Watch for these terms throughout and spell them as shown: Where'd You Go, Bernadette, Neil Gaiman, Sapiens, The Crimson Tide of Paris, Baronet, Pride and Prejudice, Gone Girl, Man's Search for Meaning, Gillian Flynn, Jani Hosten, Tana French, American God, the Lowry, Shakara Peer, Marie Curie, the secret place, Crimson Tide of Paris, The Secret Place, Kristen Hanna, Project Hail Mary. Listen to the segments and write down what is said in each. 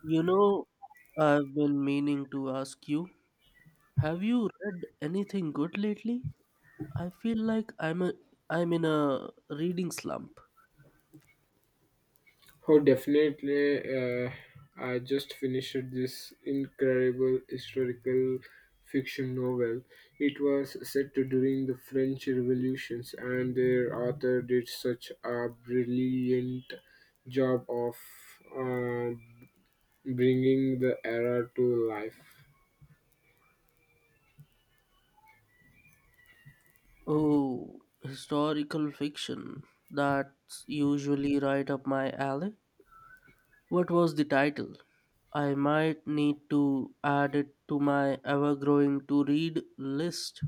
You know, I've been meaning to ask you, have you read anything good lately? I feel like I'm in a reading slump. Oh, definitely. Uh, I just finished this incredible historical fiction novel. It was set during the French Revolutions, and their author did such a brilliant job of uh, bringing the era to life. Oh, historical fiction. That's usually right up my alley. What was the title? I might need to add it to my ever-growing to-read list.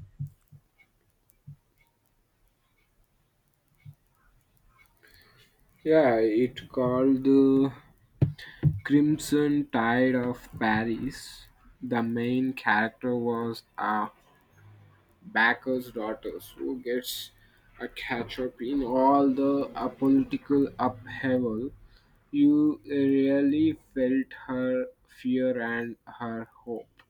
Yeah, it called the Crimson Tide of Paris. The main character was a Backers' daughters, who gets a catch up in all the political upheaval, you really felt her fear and her hope.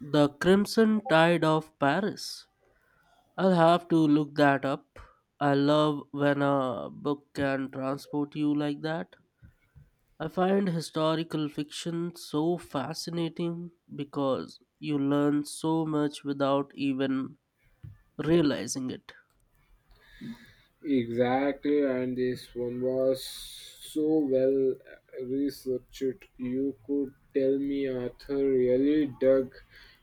The Crimson Tide of Paris. I'll have to look that up. I love when a book can transport you like that. I find historical fiction so fascinating because you learn so much without even realizing it. Exactly, and this one was so well researched. You could tell me Arthur really dug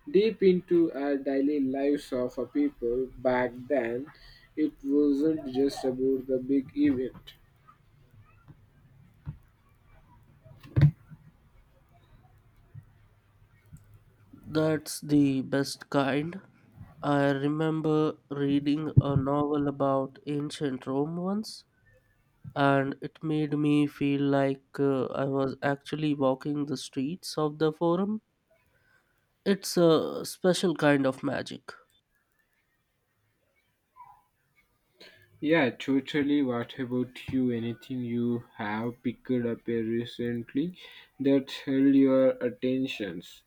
deep into our daily lives of a people back then. It wasn't just about the big event. That's the best kind. I remember reading a novel about ancient Rome once, and it made me feel like I was actually walking the streets of the Forum. It's a special kind of magic. Yeah, totally. What about you? Anything you have picked up recently that held your attentions?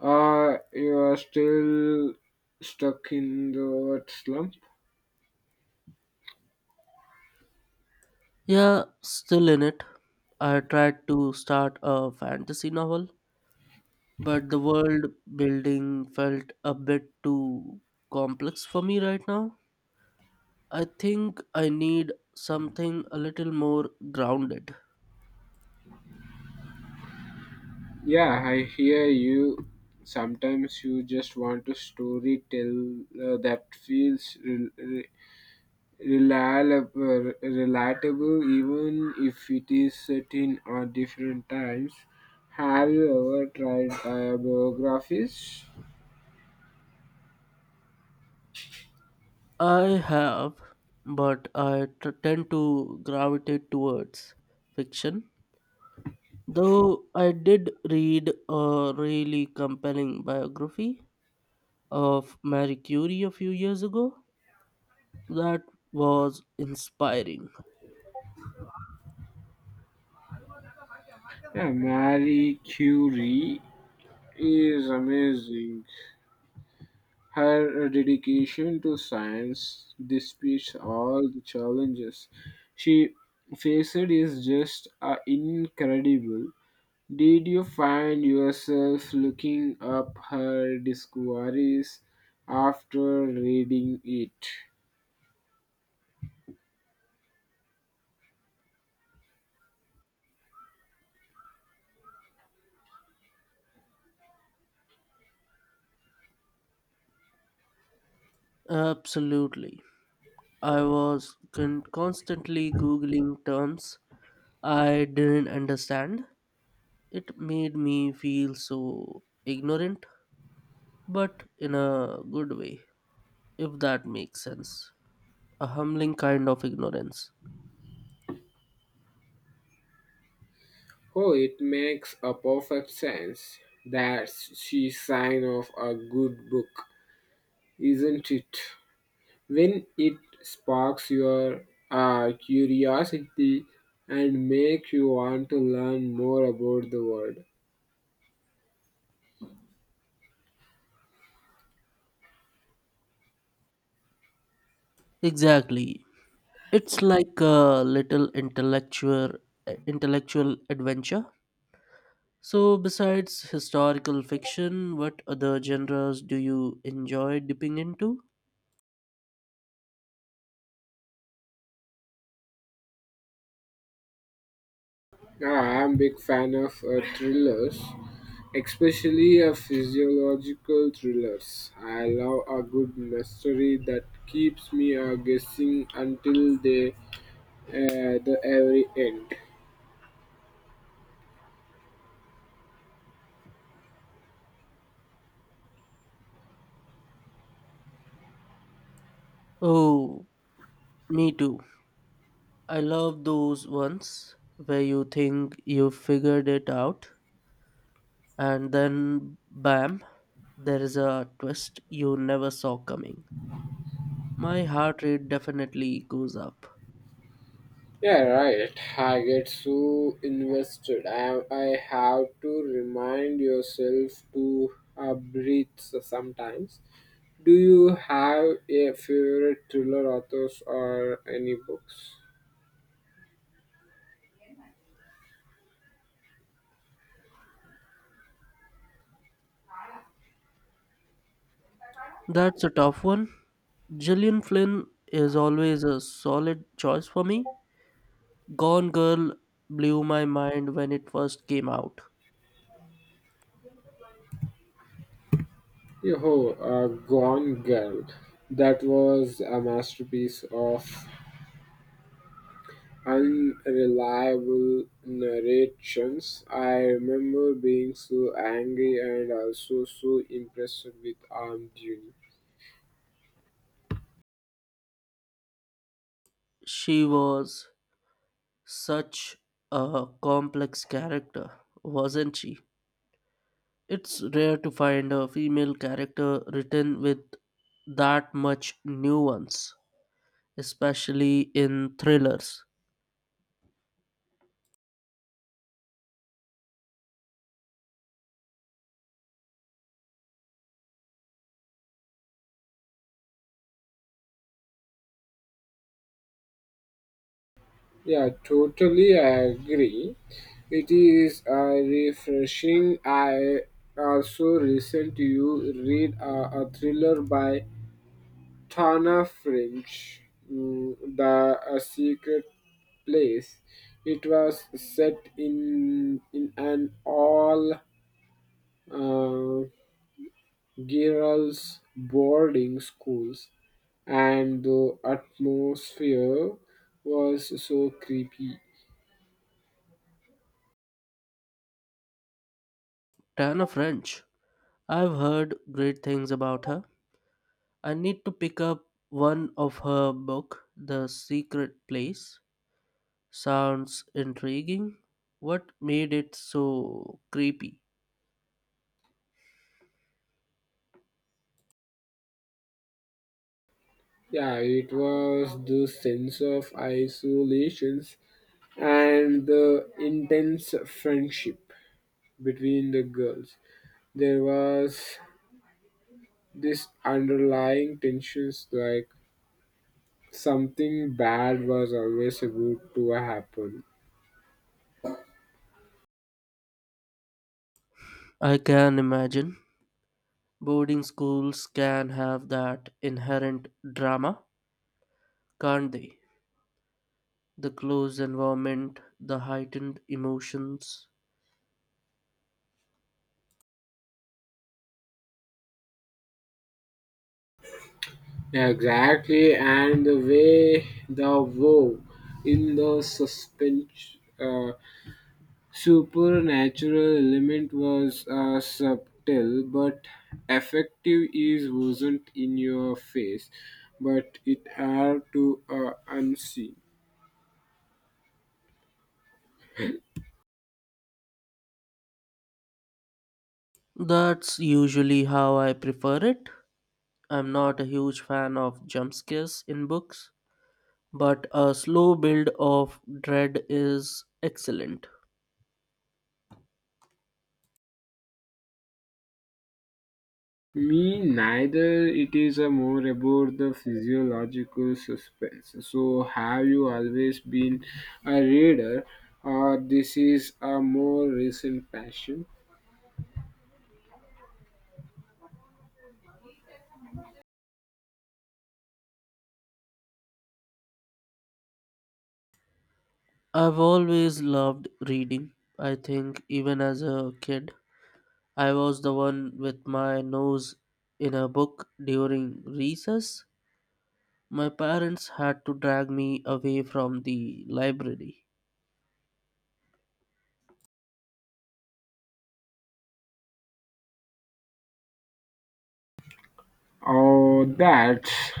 Or you are still stuck in the what slump? Yeah, still in it. I tried to start a fantasy novel, but the world building felt a bit too complex for me right now. I think I need something a little more grounded. Yeah, I hear you. Sometimes you just want a story tell that feels reliable, relatable even if it is set in different times. Have you ever tried biographies? I have, but I tend to gravitate towards fiction. Though I did read a really compelling biography of Marie Curie a few years ago. That was inspiring. Yeah, Marie Curie is amazing. Her dedication to science, despite all the challenges she faced, is just incredible. Did you find yourself looking up her discoveries after reading it? Absolutely. I was constantly Googling terms I didn't understand. It made me feel so ignorant, but in a good way, if that makes sense. A humbling kind of ignorance. Oh, it makes a perfect sense. That's she sign of a good book, isn't it? When it sparks your curiosity and make you want to learn more about the world. Exactly. It's like a little intellectual adventure. So, besides historical fiction, what other genres do you enjoy dipping into? Yeah, I'm big fan of thrillers, especially physiological thrillers. I love a good mystery that keeps me guessing until the the every end. Oh, me too. I love those ones where you think you figured it out and then bam, there is a twist you never saw coming. My heart rate definitely goes up. Yeah, right. I get so invested. I have to remind yourself to breathe sometimes. Do you have a favorite thriller authors or any books? That's a tough one. Gillian Flynn is always a solid choice for me. Gone Girl blew my mind when it first came out. Yo, Gone Girl. That was a masterpiece of unreliable narrations. I remember being so angry and also so impressed with Arm Junior. She was such a complex character, wasn't she? It's rare to find a female character written with that much nuance, especially in thrillers. Yeah, totally I agree. It is refreshing. I also recent you read a thriller by Tana French, mm, the secret place. It was set in an all uh, girls boarding schools, and the atmosphere was so creepy. Tana French. I've heard great things about her. I need to pick up one of her book, The Secret Place. Sounds intriguing. What made it so creepy? Yeah, it was the sense of isolations and the intense friendship between the girls. There was this underlying tensions like something bad was always about to happen, I can imagine. Boarding schools can have that inherent drama, can't they? The close environment, the heightened emotions. exactly, and the way the woe in the suspense supernatural element was subtle but effective is wasn't in your face but it had to unseen. That's usually how I prefer it. I'm not a huge fan of jump scares in books, but a slow build of dread is excellent. Me neither. It is a more about the physiological suspense. So, have you always been a reader, or this is a more recent passion? I've always loved reading. I think even as a kid, I was the one with my nose in a book during recess. My parents had to drag me away from the library. Oh, that's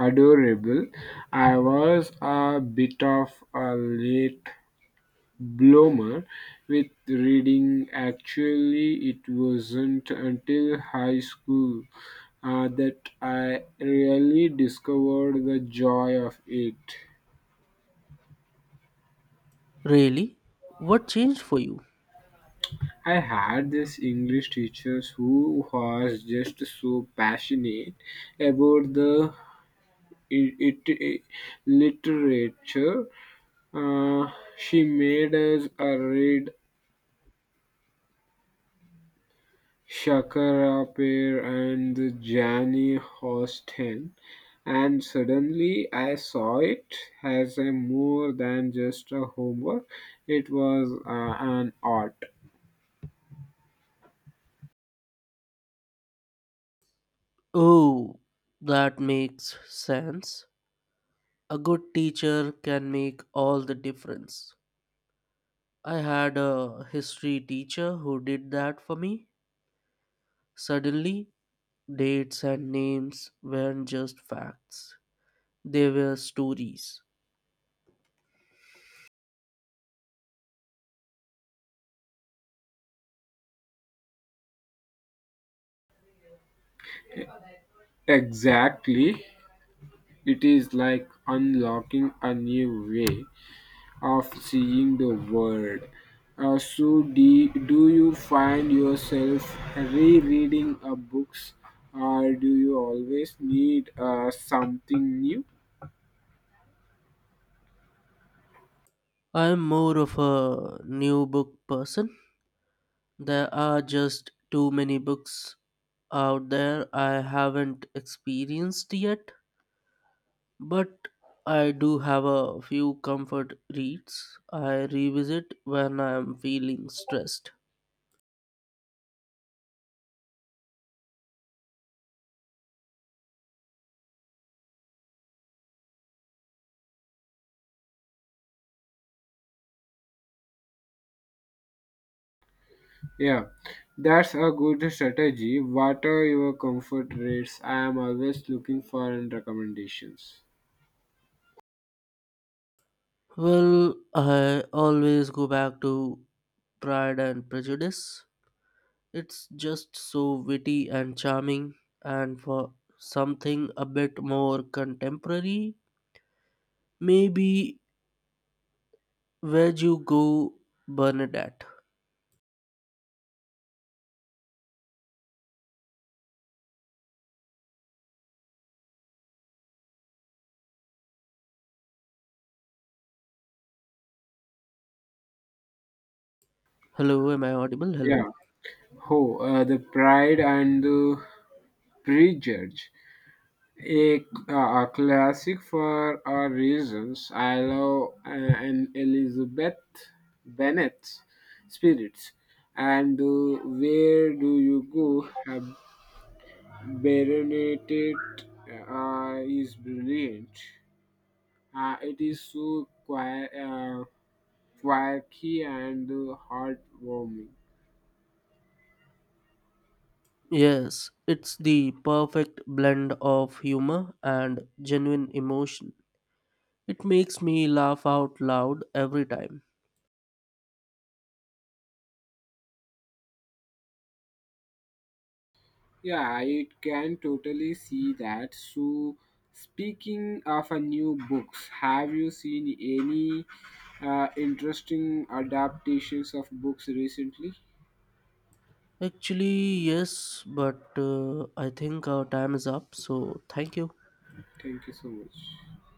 adorable. I was a bit of a late Blomer with reading; actually it wasn't until high school that I really discovered the joy of it. Really? What changed for you? I had this English teacher who was just so passionate about the it, it, literature. Uh, she made us read Shakara Peer and the Jani Hosten, and suddenly I saw it as a more than just a homework. It was an art. Oh, that makes sense. A good teacher can make all the difference. I had a history teacher who did that for me. Suddenly, dates and names weren't just facts, they were stories. Exactly. It is like unlocking a new way of seeing the world. So do you find yourself rereading books, or do you always need something new? I'm more of a new book person. There are just too many books out there I haven't experienced yet, but I do have a few comfort reads I revisit when I'm feeling stressed. Yeah, that's a good strategy. What are your comfort rates? I am always looking for and recommendations. Well, I always go back to Pride and Prejudice. It's just so witty and charming, and for something a bit more contemporary, maybe Where'd You Go, Bernadette. Hello, am I audible? Hello. Yeah. Oh, the Pride and the Prejudge, a, a classic for our reasons. I love an Elizabeth Bennet's spirits. And where do you go? Baronet is brilliant. It is so quiet, quirky and heartwarming. Yes, it's the perfect blend of humor and genuine emotion. It makes me laugh out loud every time. Yeah, I can totally see that. So, speaking of a new books, have you seen any interesting adaptations of books recently? Actually, yes, but I think our time is up, so thank you. Thank you so much.